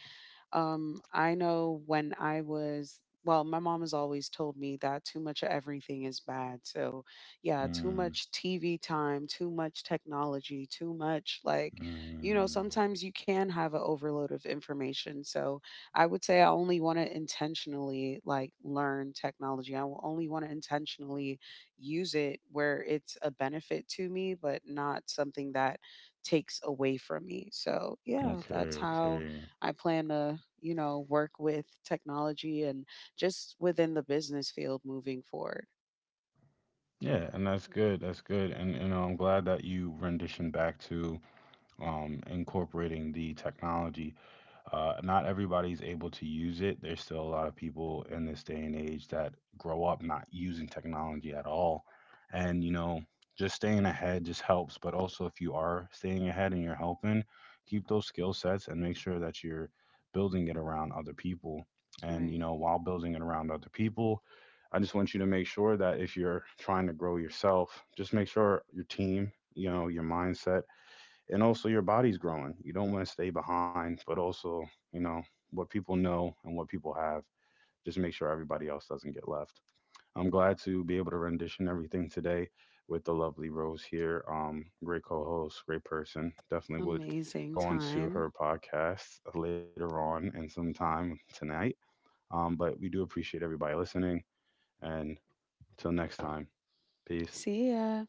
B: um, I know when I was well, my mom has always told me that too much of everything is bad. So, yeah, too
A: Mm,
B: much T V time, too much technology, too much like, you know,
A: mm.
B: sometimes you can have an overload of information. So, I would say I only want to intentionally like learn technology. I will only want to intentionally use it where it's a benefit to me, but not something that takes away from me. So, yeah, that's
A: Okay,
B: how
A: okay.
B: I plan to, you know, work with technology and just within the business field moving forward.
A: Yeah, and that's good. That's good. And you know, I'm glad that you rendition back to um incorporating the technology. Uh, not everybody's able to use it. There's still a lot of people in this day and age that grow up not using technology at all. And, you know, just staying ahead just helps. But also, if you are staying ahead and you're helping, keep those skill sets and make sure that you're building it around other people. And, you
B: Right.
A: know, while building it around other people, I just want you to make sure that if you're trying to grow yourself, just make sure your team, you know, your mindset and also your body's growing. You don't want to stay behind, but also, you know, what people know and what people have, just make sure everybody else doesn't get left. I'm glad to be able to rendition everything today with the lovely Rose here. Um, great co host, great person. Definitely would
B: Amazing
A: go on to
B: time.
A: her podcast later on and sometime tonight. Um, but we do appreciate everybody listening. And till next time, peace.
B: See ya.